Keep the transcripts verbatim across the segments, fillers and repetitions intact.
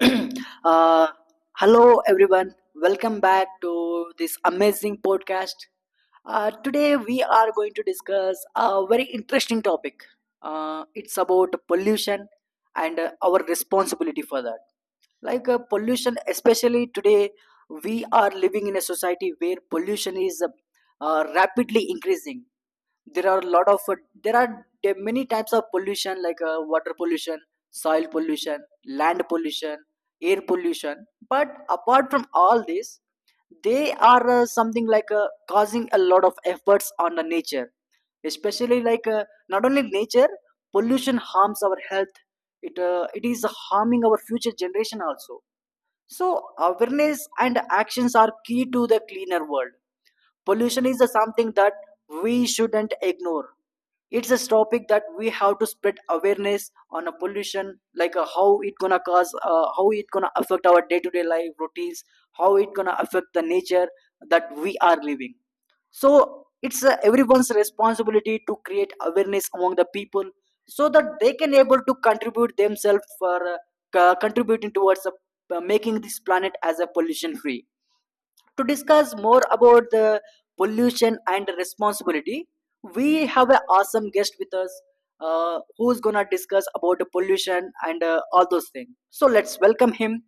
uh, Hello, everyone. Welcome back to this amazing podcast. Uh, today, we are going to discuss a very interesting topic. Uh, it's about pollution and uh, our responsibility for that. Like uh, pollution, especially today, we are living in a society where pollution is uh, uh, rapidly increasing. there are a lot of there are de- many types of pollution like uh, water pollution, soil pollution, land pollution, air pollution. But apart from all this, they are uh, something like uh, causing a lot of efforts on the nature, especially like uh, not only nature. Pollution harms our health. It uh, it is harming our future generation also. So awareness and actions are key to the cleaner world. Pollution is uh, something that we shouldn't ignore. It's a topic that we have to spread awareness on. A pollution like uh, how it gonna cause, uh, how it gonna affect our day-to-day life routines, how it gonna affect the nature that we are living. So it's uh, everyone's responsibility to create awareness among the people so that they can able to contribute themselves for uh, co- contributing towards uh, making this planet as a pollution free. To discuss more about the pollution and responsibility, we have an awesome guest with us, uh, who's gonna discuss about the pollution and uh, all those things. So let's welcome him.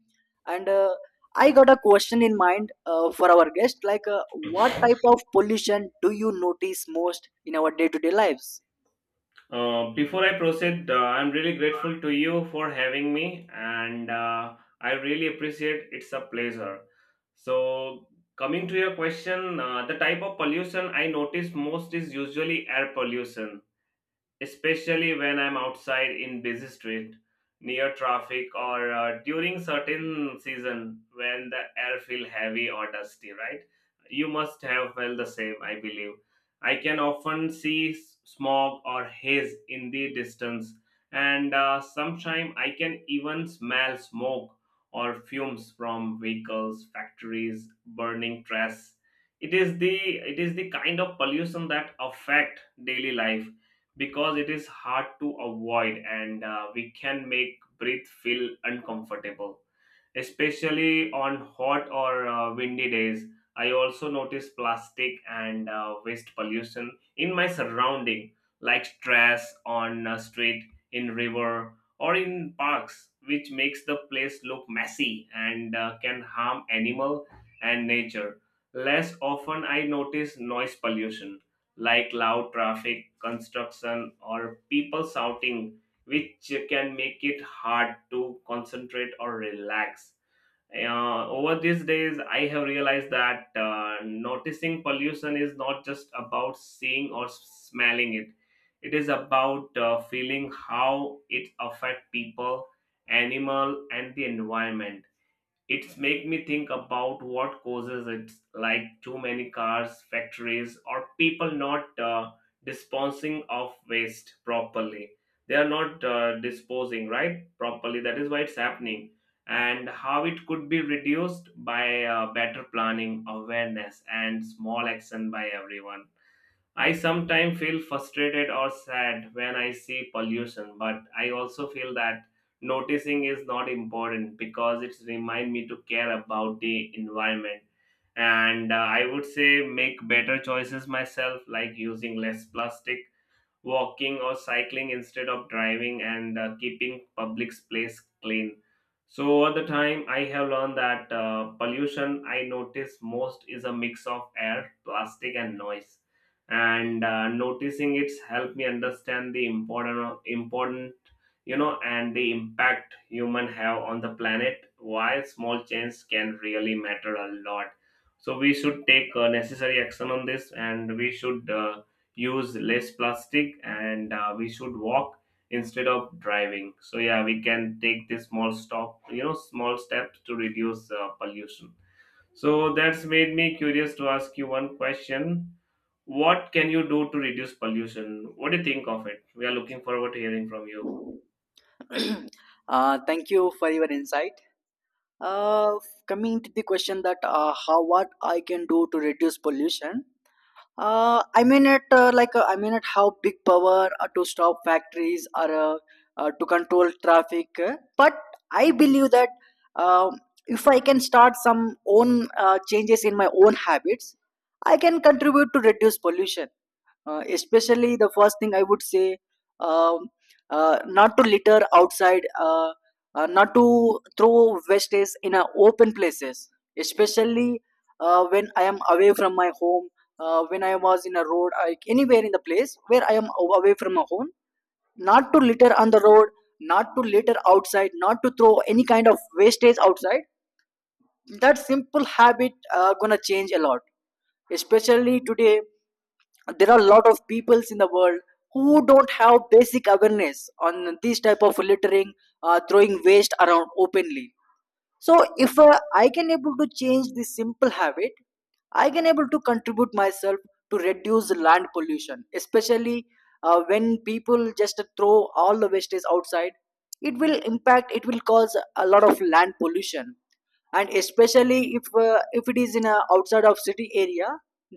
And uh, I got a question in mind uh, for our guest like, uh, what type of pollution do you notice most in our day-to-day lives? Uh, before I proceed, uh, I'm really grateful to you for having me, and uh, I really appreciate it's a pleasure. So, Coming to your question, uh, the type of pollution I notice most is usually air pollution especially when I'm outside in busy street, near traffic, or uh, during certain season when the air feel heavy or dusty. Right? You must have felt the same, I believe. I can often see s- smog or haze in the distance, and uh, sometimes I can even smell smoke or fumes from vehicles, factories, burning trash. It is the it is the kind of pollution that affect daily life because it is hard to avoid and uh, we can make breath feel uncomfortable especially on hot or uh, windy days. I also notice plastic and uh, waste pollution in my surrounding, like trash on a street, in river, or in parks, which makes the place look messy and uh, can harm animal and nature. Less often, I notice noise pollution, like loud traffic, construction, or people shouting, which can make it hard to concentrate or relax. Uh, over these days, I have realized that uh, noticing pollution is not just about seeing or smelling it. It is about uh, feeling how it affects people, animal, and the environment. It's make me think about what causes it, like too many cars, factories, or people not uh, disposing of waste properly. They are not uh, disposing right properly. That is why it's happening, and how it could be reduced by uh, better planning, awareness, and small action by everyone. I sometimes feel frustrated or sad when I see pollution, but I also feel that noticing is not important because it reminds me to care about the environment. And uh, I would say make better choices myself, like using less plastic, walking or cycling instead of driving and uh, keeping public space clean. So over the time I have learned that uh, pollution I notice most is a mix of air, plastic and noise, and uh, noticing it's helped me understand the important important you know and the impact human have on the planet, why small change can really matter a lot. So we should take uh, necessary action on this and we should, uh, use less plastic, and uh, we should walk instead of driving. So yeah, we can take this small stop, you know, small steps to reduce uh, pollution. So that's made me curious to ask you one question. What can you do to reduce pollution? What do you think of it? We are looking forward to hearing from you. Uh, thank you for your insight. uh, Coming to the question that uh, how, what I can do to reduce pollution. Uh, I mean it, uh, like uh, I mean it, how big power uh, to stop factories or uh, uh, to control traffic. uh, But I believe that, um if I can start some own uh, changes in my own habits, I can contribute to reduce pollution. Uh, especially, the first thing I would say, um, uh, not to litter outside, uh, uh, not to throw wastage in uh, open places, especially uh, when I am away from my home. Uh, when I was in a road, like anywhere in the place where I am aw- away from my home, not to litter on the road, not to litter outside, not to throw any kind of wastage outside. That simple habit uh, gonna change a lot. Especially today, there are a lot of peoples in the world who don't have basic awareness on this type of littering, uh, throwing waste around openly. So if uh, I can able to change this simple habit, I can able to contribute myself to reduce land pollution. Especially uh, when people just throw all the wastage outside. It will impact. It will cause a lot of land pollution, and especially if uh, if it is in a outside of city area,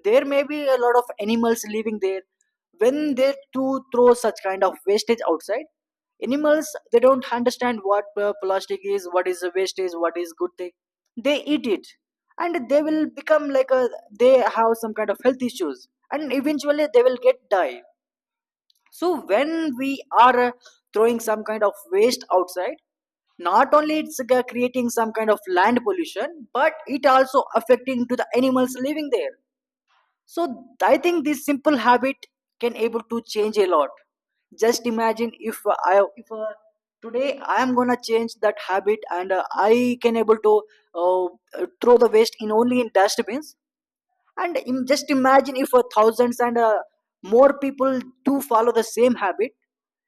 there may be a lot of animals living there. When they to throw such kind of wastage outside, animals, they don't understand what uh, plastic is, what is a wastage, what is good thing. They eat it and they will become like a, they have some kind of health issues and eventually they will get die. So when we are uh, throwing some kind of waste outside, not only it's g- creating some kind of land pollution, but it also affecting to the animals living there. So I think this simple habit can able to change a lot. Just imagine if uh, I, if uh, today I am gonna change that habit and uh, I can able to uh, uh, throw the waste in only in dustbins. And im- just imagine if uh, thousands and uh, more people do follow the same habit,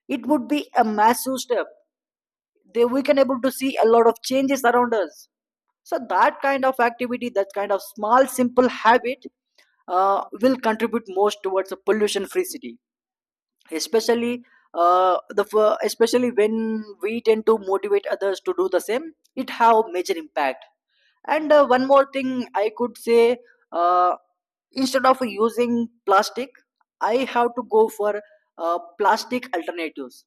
it would be a massive step. They, we can able to see a lot of changes around us. So that kind of activity, that kind of small simple habit uh, will contribute most towards a pollution free city. Especially uh, the f- especially when we tend to motivate others to do the same, it have major impact. And uh, one more thing I could say, uh, instead of using plastic, I have to go for uh, plastic alternatives.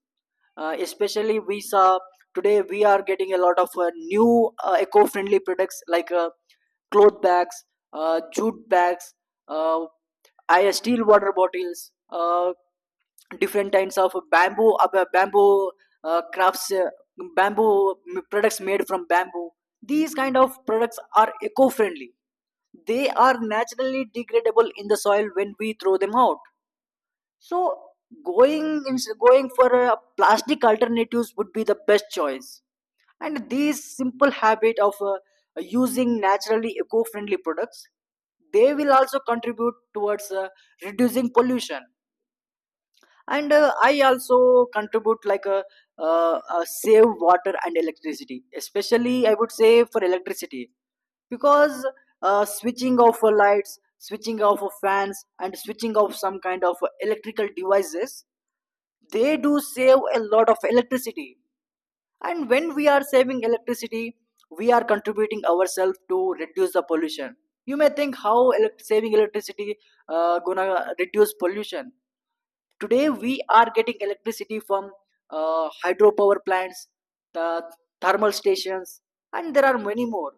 uh, Especially we saw today, we are getting a lot of uh, new uh, eco-friendly products like uh, cloth bags, uh, jute bags, uh, I- steel water bottles, uh, different kinds of bamboo, uh, bamboo uh, crafts, uh, bamboo m- products made from bamboo. These kind of products are eco-friendly. They are naturally degradable in the soil when we throw them out. So going ins- going for uh, plastic alternatives would be the best choice. And these simple habit of uh, using naturally eco-friendly products, they will also contribute towards uh, reducing pollution. And uh, I also contribute like a, uh, uh, save water and electricity. Especially I would say for electricity, because uh, switching off uh, lights, switching off of fans, and switching off some kind of uh, electrical devices, they do save a lot of electricity. And when we are saving electricity, we are contributing ourselves to reduce the pollution. You may think how elect- saving electricity uh, gonna reduce pollution. Today we are getting electricity from uh, hydropower plants, the thermal stations, and there are many more.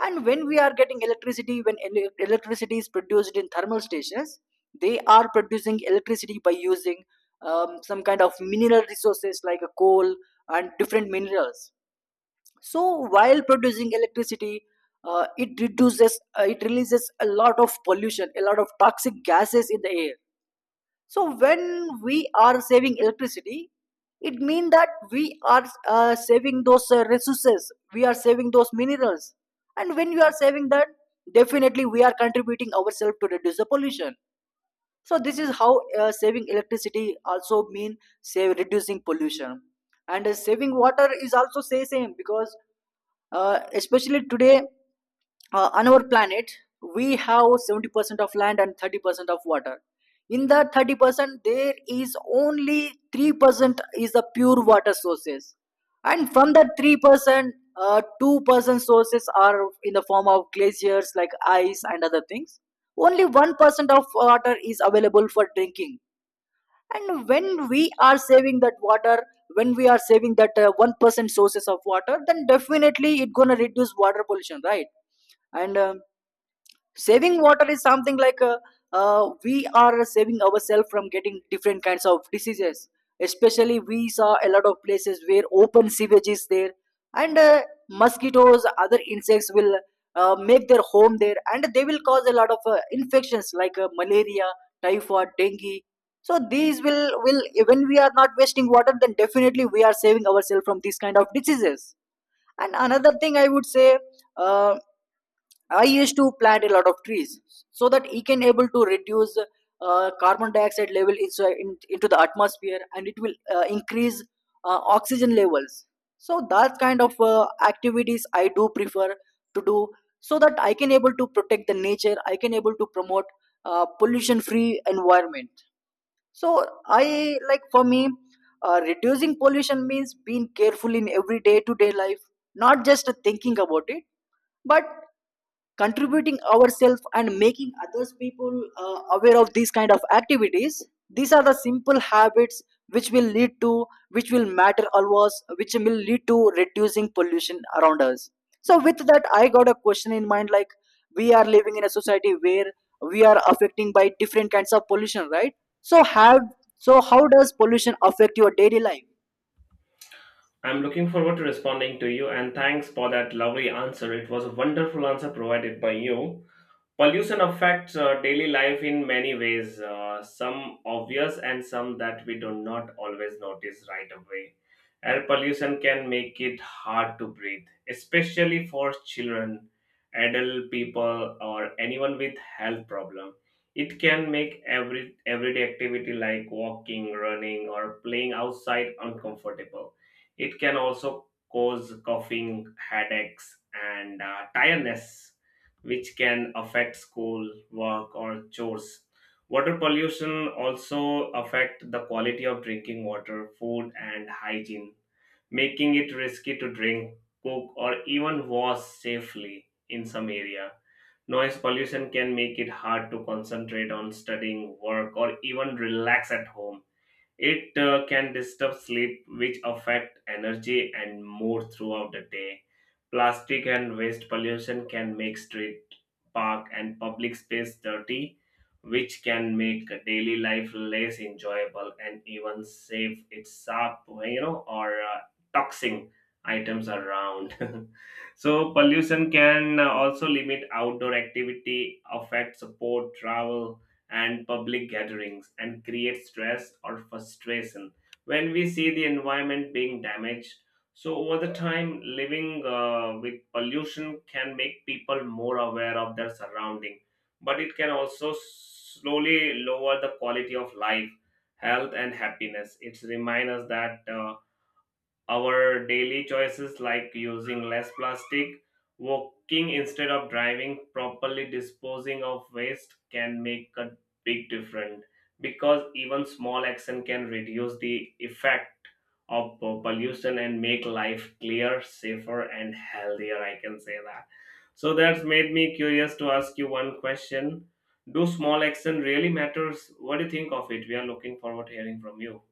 And when we are getting electricity, when ele- electricity is produced in thermal stations, they are producing electricity by using um, some kind of mineral resources like a coal and different minerals. So while producing electricity, uh, it reduces, uh, it releases a lot of pollution, a lot of toxic gases in the air. So when we are saving electricity, it means that we are uh, saving those uh, resources, we are saving those minerals, and when we are saving that, definitely we are contributing ourselves to reduce the pollution. So this is how uh, saving electricity also mean save reducing pollution. And uh, saving water is also say same because uh, especially today, uh, on our planet we have seventy percent of land and thirty percent of water. In that thirty percent, there is only three percent is the pure water sources. And from that three percent, uh, two percent sources are in the form of glaciers like ice and other things. Only one percent of water is available for drinking. And when we are saving that water, when we are saving that uh, one percent sources of water, then definitely it's gonna reduce water pollution, right? And um, saving water is something like uh, uh, we are saving ourselves from getting different kinds of diseases. Especially we saw a lot of places where open sewage is there. And uh, mosquitoes, other insects will uh, make their home there, and they will cause a lot of uh, infections like uh, malaria, typhoid, dengue. So these will will when we are not wasting water, then definitely we are saving ourselves from these kind of diseases. And another thing I would say, uh, I used to plant a lot of trees so that he can able to reduce uh, carbon dioxide level inside in, into the atmosphere, and it will uh, increase uh, oxygen levels. So that kind of uh, activities I do prefer to do, so that I can able to protect the nature. I can able to promote uh, pollution free environment. So I like, for me, uh, reducing pollution means being careful in everyday to day life, not just thinking about it, but contributing ourselves and making others people uh, aware of these kind of activities. These are the simple habits which will lead to, which will matter always, which will lead to reducing pollution around us. So with that, I got a question in mind like, we are living in a society where we are affecting by different kinds of pollution, right? So have, so how does pollution affect your daily life? I'm looking forward to responding to you and thanks for that lovely answer. It was a wonderful answer provided by you. Pollution affects uh, daily life in many ways, uh, some obvious and some that we do not always notice right away. Air pollution can make it hard to breathe, especially for children, adult people, or anyone with health problem. It can make every everyday activity like walking, running, or playing outside uncomfortable. It can also cause coughing, headaches, and uh, tiredness which can affect school, work, or chores. Water pollution also affect the quality of drinking water, food, and hygiene, making it risky to drink, cook, or even wash safely in some area. Noise pollution can make it hard to concentrate on studying, work, or even relax at home. It uh, can disturb sleep, which affect energy and mood throughout the day. Plastic and waste pollution can make street, park, and public space dirty, which can make daily life less enjoyable and even safe. It's sharp, you know, or uh, toxic items around. So pollution can also limit outdoor activity, affect support travel and public gatherings and create stress or frustration when we see the environment being damaged. So, over the time, living uh, with pollution can make people more aware of their surrounding, but it can also slowly lower the quality of life, health, and happiness. It's remind us that. Uh, our daily choices like using less plastic, walking instead of driving, properly disposing of waste can make a big difference because even small action can reduce the effect of uh, pollution and make life clearer, safer, and healthier. I can say that. So that's made me curious to ask you one question. Do small action really matters? What do you think of it? We are looking forward to hearing from you.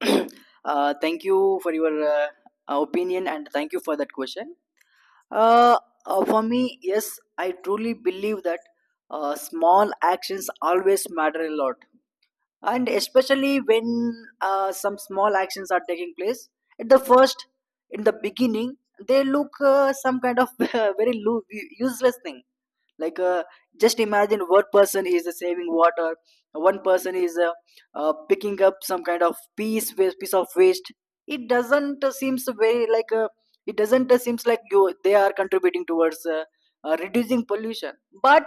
uh, Thank you for your uh, opinion, and thank you for that question. Uh, uh, for me, yes, I truly believe that uh, small actions always matter a lot. And especially when uh, some small actions are taking place at the first, in the beginning, they look uh, some kind of very lo- useless thing. Like uh, just imagine, one person is uh, saving water, one person is uh, uh, picking up some kind of piece wa- piece of waste. It doesn't uh, seems very like uh, it doesn't uh, seems like you they are contributing towards uh, uh, reducing pollution. But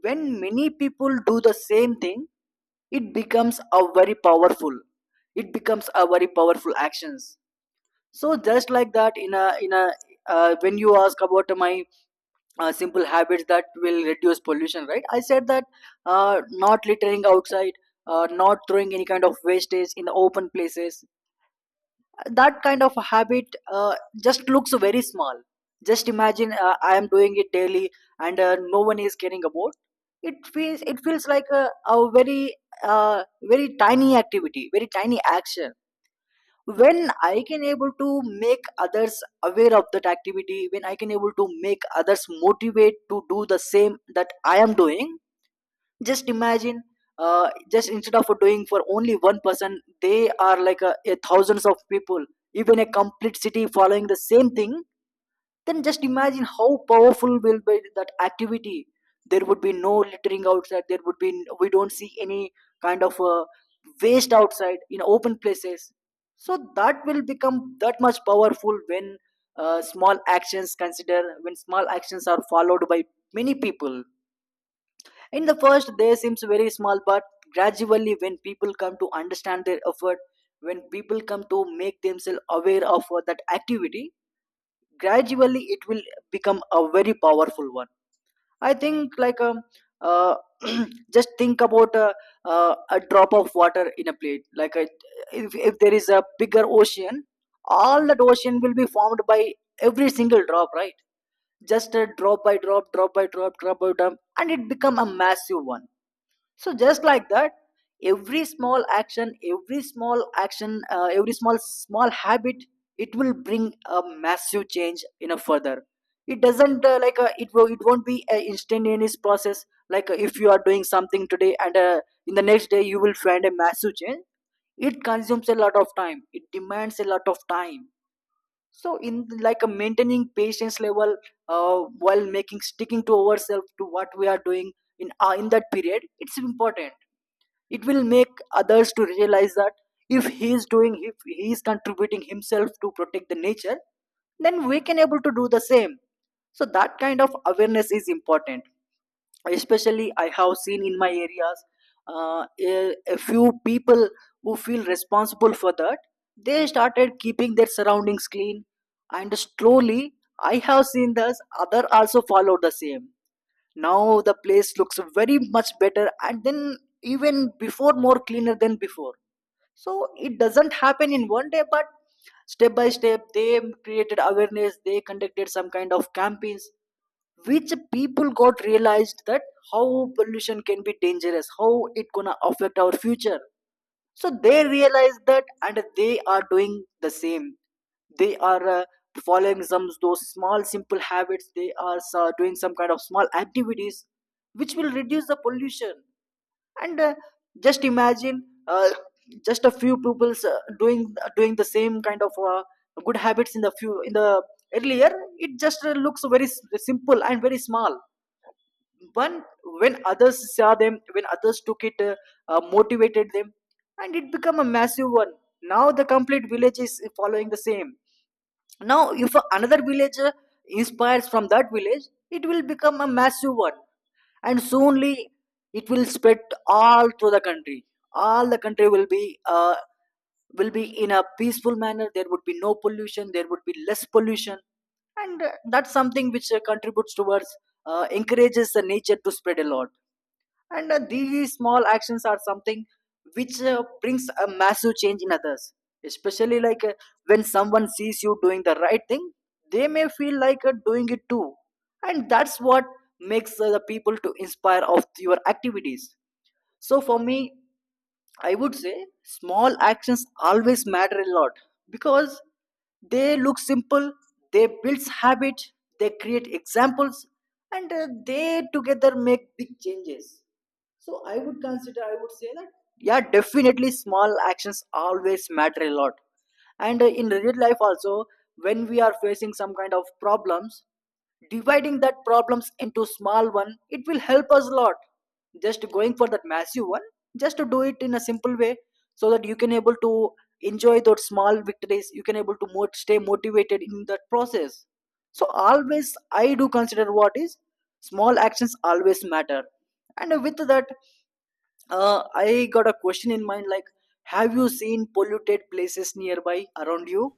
when many people do the same thing, it becomes a very powerful, it becomes a very powerful actions. So just like that, in a in a uh, when you ask about my uh, simple habits that will reduce pollution, right, I said that uh, not littering outside, uh, not throwing any kind of wastage in the open places. That kind of habit uh, just looks very small. Just imagine uh, I am doing it daily and uh, no one is caring about it feels it feels like a, a very uh, very tiny activity, very tiny action. When I can able to make others aware of that activity, when I can able to make others motivate to do the same that I am doing, just imagine, uh, just instead of doing for only one person, they are like a, a thousands of people, even a complete city following the same thing. Then just imagine how powerful will be that activity. There would be no littering outside, there would be, we don't see any kind of uh, waste outside in open places. So that will become that much powerful when uh, small actions consider, when small actions are followed by many people. In the first, they seems very small, but gradually, when people come to understand their effort, when people come to make themselves aware of uh, that activity, gradually it will become a very powerful one. I think like um, uh, just think about uh, uh, a drop of water in a plate. Like a, if if there is a bigger ocean, all that ocean will be formed by every single drop, right? Just a drop by drop, drop by drop, drop by drop, and it become a massive one. So just like that, every small action every small action uh, every small small habit, it will bring a massive change in a further. It doesn't uh, like uh, it will, it won't be an instantaneous process. Like uh, if you are doing something today and uh, in the next day you will find a massive change. It consumes a lot of time, it demands a lot of time. So in like a maintaining patience level, uh, while making sticking to ourselves to what we are doing in uh, in that period it's important. It will make others to realize that if he is doing, if he is contributing himself to protect the nature, then we can able to do the same. So that kind of awareness is important. Especially I have seen in my areas uh, a, a few people who feel responsible for that, they started keeping their surroundings clean, and slowly I have seen this other also followed the same. Now the place looks very much better and then even before, more cleaner than before. So it doesn't happen in one day, but step by step they created awareness, they conducted some kind of campaigns which people got realized that how pollution can be dangerous, how it gonna affect our future. So they realize that and they are doing the same. They are uh, following some those small simple habits, they are uh, doing some kind of small activities which will reduce the pollution. And uh, just imagine, uh, just a few people uh, doing uh, doing the same kind of uh, good habits in the few in the earlier, it just uh, looks very s- simple and very small one. When others saw them, when others took it, uh, uh, motivated them, and it became a massive one. Now the complete village is following the same. Now if another village uh, inspires from that village, it will become a massive one. And soonly it will spread all through the country. All the country will be uh, will be in a peaceful manner. There would be no pollution, there would be less pollution. And uh, that's something which uh, contributes towards, uh, encourages the nature to spread a lot. And uh, these small actions are something which uh, brings a massive change in others. Especially like uh, when someone sees you doing the right thing, they may feel like uh, doing it too. And that's what makes uh, the people to inspire of your activities. So for me, I would say small actions always matter a lot, because they look simple, they build habit, they create examples, and uh, they together make big changes. So I would consider, I would say that yeah, definitely small actions always matter a lot. And uh, in real life also, when we are facing some kind of problems, dividing that problems into small one, it will help us a lot. Just going for that massive one, just to do it in a simple way, so that you can able to enjoy those small victories, you can able to mo- stay motivated in that process. So always I do consider what is, small actions always matter. And with that, uh, I got a question in mind like, have you seen polluted places nearby around you?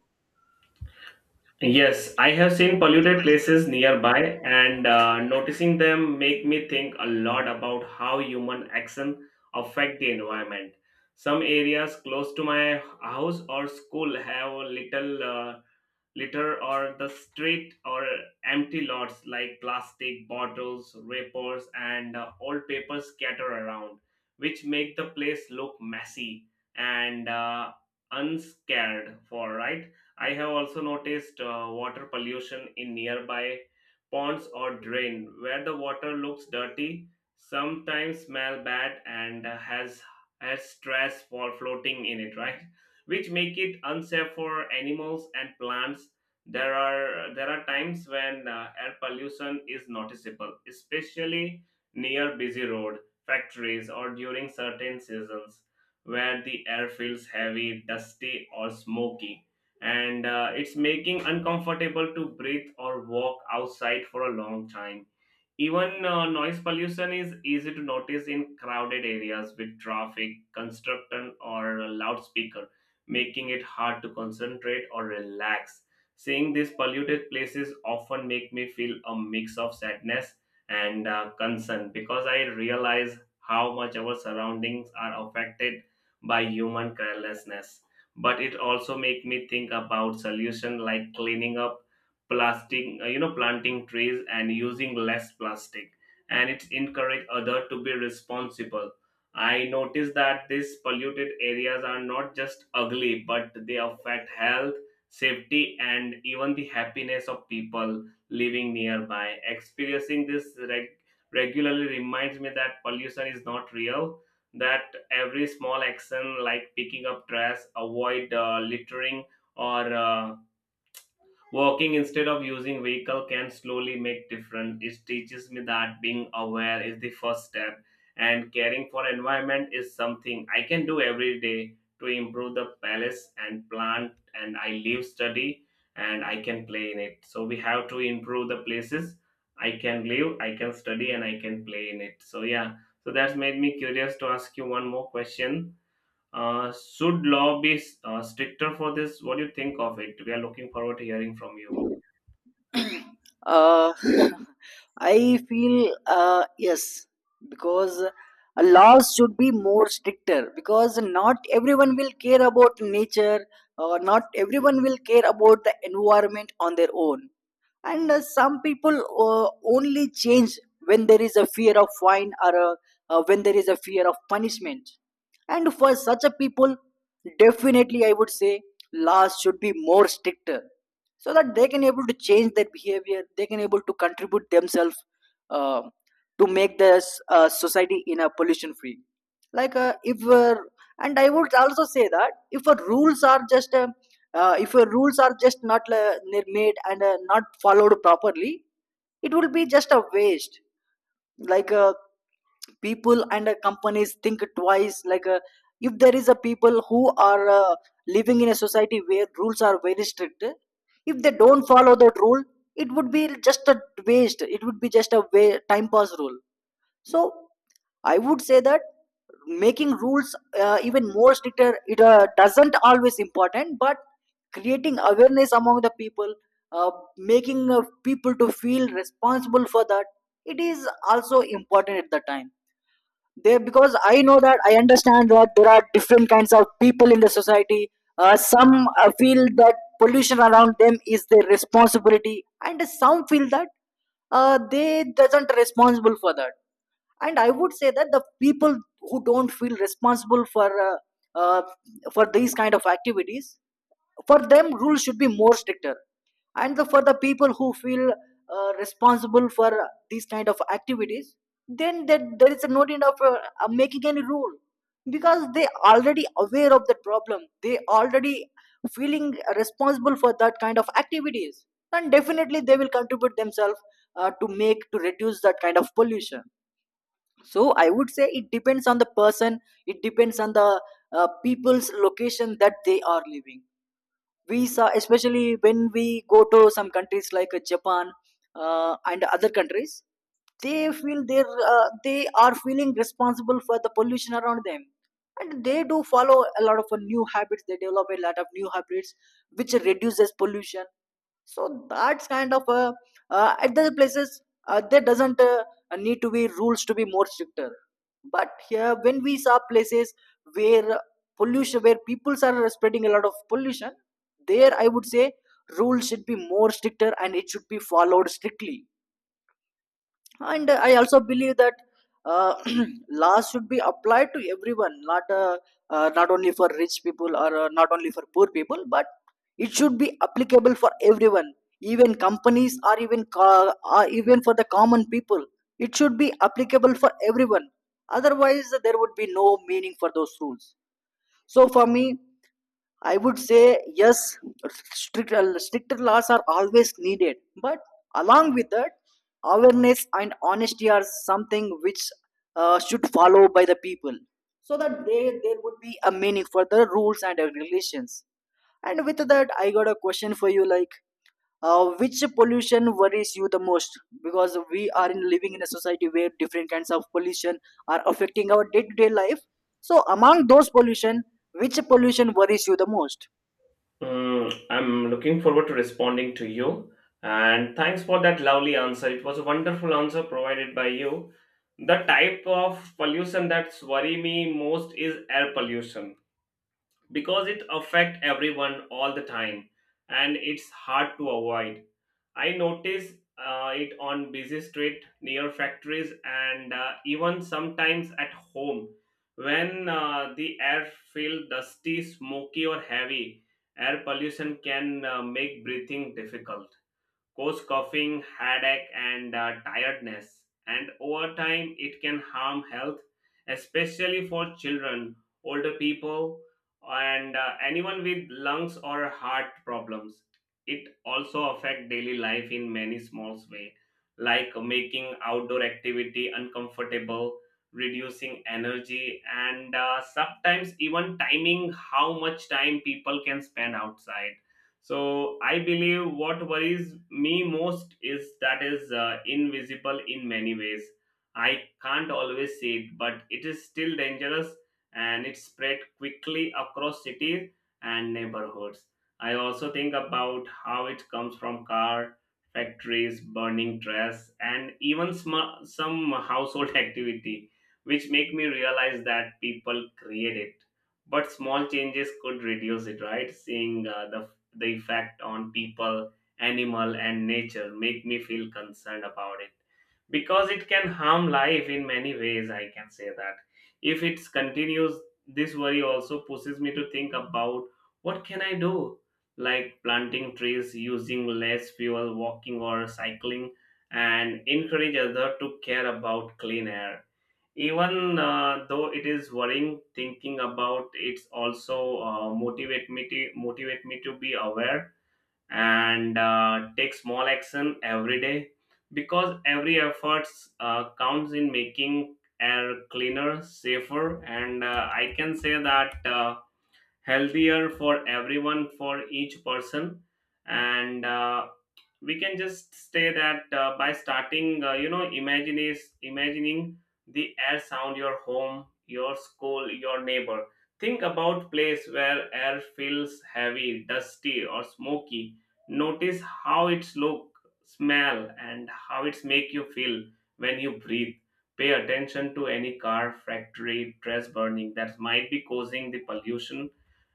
Yes, I have seen polluted places nearby, and uh, noticing them make me think a lot about how human action affect the environment. Some areas close to my house or school have little uh, litter or the street or empty lots like plastic bottles, wrappers, and uh, old papers scatter around, which make the place look messy and uh, unscared for, right. I have also noticed uh, water pollution in nearby ponds or drain where the water looks dirty, sometimes smell bad, and uh, has has stress for floating in it, right? Which make it unsafe for animals and plants. There are there are times when uh, air pollution is noticeable, especially near busy road, factories, or during certain seasons where the air feels heavy, dusty, or smoky, and uh, it's making uncomfortable to breathe or walk outside for a long time. Even uh, noise pollution is easy to notice in crowded areas with traffic, construction, or loudspeakers making it hard to concentrate or relax. Seeing these polluted places often make me feel a mix of sadness and uh, concern because I realize how much our surroundings are affected by human carelessness. But it also make me think about solutions like cleaning up plastic, uh, you know, planting trees and using less plastic. And it encourage other to be responsible. I noticed that these polluted areas are not just ugly, but they affect health, safety, and even the happiness of people living nearby. Experiencing this reg- regularly reminds me that pollution is not real, that every small action, like picking up trash, avoid uh, littering, or uh, walking instead of using vehicle can slowly make difference. It teaches me that being aware is the first step and caring for environment is something I can do every day to improve the palace and plant and I live study and I can play in it. So we have to improve the places I can live, I can study and I can play in it. So yeah, so that's made me curious to ask you one more question. Uh, should law be uh, stricter for this? What do you think of it? We are looking forward to hearing from you. uh, I feel uh, yes, because laws should be more stricter, because not everyone will care about nature, or not everyone will care about the environment on their own. And uh, some people uh, only change when there is a fear of fine, or uh, uh, when there is a fear of punishment. And for such a people, definitely I would say laws should be more stricter, so that they can able to change their behavior, they can able to contribute themselves uh, to make this uh, society in a pollution free. Like uh, if uh, and I would also say that if our rules are just uh, uh, if your rules are just not uh, made and uh, not followed properly, it will be just a waste. Like uh, people and uh, companies think twice. Like uh, if there is a people who are uh, living in a society where rules are very strict, if they don't follow that rule, it would be just a waste, it would be just a way, time pass rule. So I would say that making rules uh, even more stricter, it uh, doesn't always important, but creating awareness among the people, uh, making uh, people to feel responsible for that, it is also important at the time. They, because I know that, I understand that there are different kinds of people in the society. Uh, some uh, feel that pollution around them is their responsibility, and some feel that uh, they doesn't responsible for that. And I would say that the people who don't feel responsible for uh, uh, for these kind of activities, for them rules should be more stricter. And the, for the people who feel uh, responsible for these kind of activities, then there, there is no need of uh, uh, making any rule, because they already aware of the problem, they already feeling responsible for that kind of activities, and definitely they will contribute themselves uh, to make, to reduce that kind of pollution. So I would say it depends on the person, it depends on the uh, people's location that they are living. Visa, especially when we go to some countries like uh, Japan, uh, and other countries, they feel they, uh, they are feeling responsible for the pollution around them, and they do follow a lot of uh, new habits, they develop a lot of new habits which reduces pollution. So that's kind of uh, uh, at the places uh, there doesn't uh, need to be rules to be more stricter. But here when we saw places where pollution, where people are spreading a lot of pollution, there I would say rules should be more stricter and it should be followed strictly. And uh, I also believe that uh, laws should be applied to everyone, not uh, uh, not only for rich people, or uh, not only for poor people, but it should be applicable for everyone, even companies or even co- or even for the common people, it should be applicable for everyone. Otherwise there would be no meaning for those rules. So for me, I would say yes, stricter, stricter laws are always needed. But along with that, awareness and honesty are something which uh, should follow by the people, so that they, there would be a meaning for the rules and regulations. And with that, I got a question for you like, uh, which pollution worries you the most? Because we are in living in a society where different kinds of pollution are affecting our day-to-day life. So among those pollution, which pollution worries you the most? Mm, I'm looking forward to responding to you. And thanks for that lovely answer. It was a wonderful answer provided by you. The type of pollution that's worry me most is air pollution because it affect everyone all the time and it's hard to avoid. I notice uh, it on busy street, near factories, and uh, even sometimes at home when uh, the air feels dusty, smoky, or heavy. Air pollution can uh, make breathing difficult, cause coughing, headache, and uh, tiredness. And over time, it can harm health, especially for children, older people, and uh, anyone with lungs or heart problems. It also affects daily life in many small ways, like making outdoor activity uncomfortable, reducing energy, and uh, sometimes even timing how much time people can spend outside. So I believe what worries me most is that is uh, invisible in many ways. I can't always see it but it is still dangerous, and it spread quickly across cities and neighborhoods. I also think about how it comes from car, factories, burning trash and even sm- some household activity, which make me realize that people create it but small changes could reduce it, right? Seeing uh, the the effect on people, animal and nature make me feel concerned about it because it can harm life in many ways, I can say that, if it continues. This worry also pushes me to think about what can I do, like planting trees, using less fuel, walking or cycling and encourage others to care about clean air. Even uh, though it is worrying, thinking about it's also uh, motivate me to motivate me to be aware and uh, take small action every day because every effort uh, counts in making air cleaner, safer, and uh, I can say that uh, healthier for everyone, for each person. And uh, we can just say that uh, by starting, uh, you know, imagine is imagining the air sound, your home, your school, your neighbor. Think about place where air feels heavy, dusty, or smoky. Notice how it's look, smell, and how it's make you feel when you breathe. Pay attention to any car, factory, trash burning that might be causing the pollution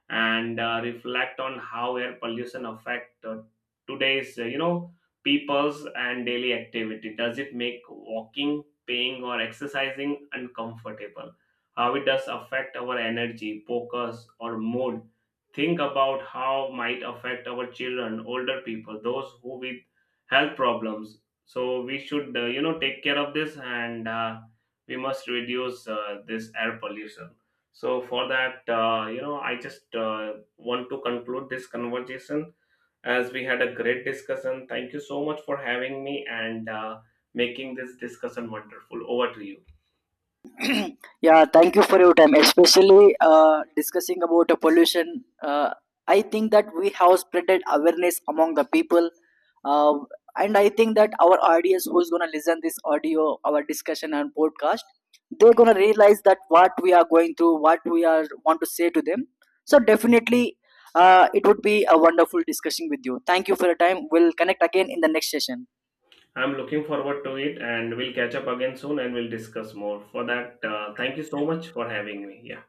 and uh, reflect on how air pollution affect uh, today's, uh, you know people's and daily activity. Does it make walking, paying or exercising uncomfortable? How it does affect our energy, focus or mood? Think about how might affect our children, older people, those who with health problems. So we should, uh, you know take care of this and uh, we must reduce uh, this air pollution. So for that, uh, you know, I just uh, want to conclude this conversation as we had a great discussion. Thank you so much for having me and uh, making this discussion wonderful. Over to you. Yeah, thank you for your time, especially uh, discussing about the pollution. uh, I think that we have spreaded awareness among the people, uh, and I think that our audience who's going to listen this audio, our discussion and podcast, they're going to realize that what we are going through, what we are want to say to them. So definitely uh, it would be a wonderful discussion with you. Thank you for your time, we'll connect again in the next session. I'm looking forward to it, and we'll catch up again soon and we'll discuss more. For that, uh, thank you so much for having me. Yeah.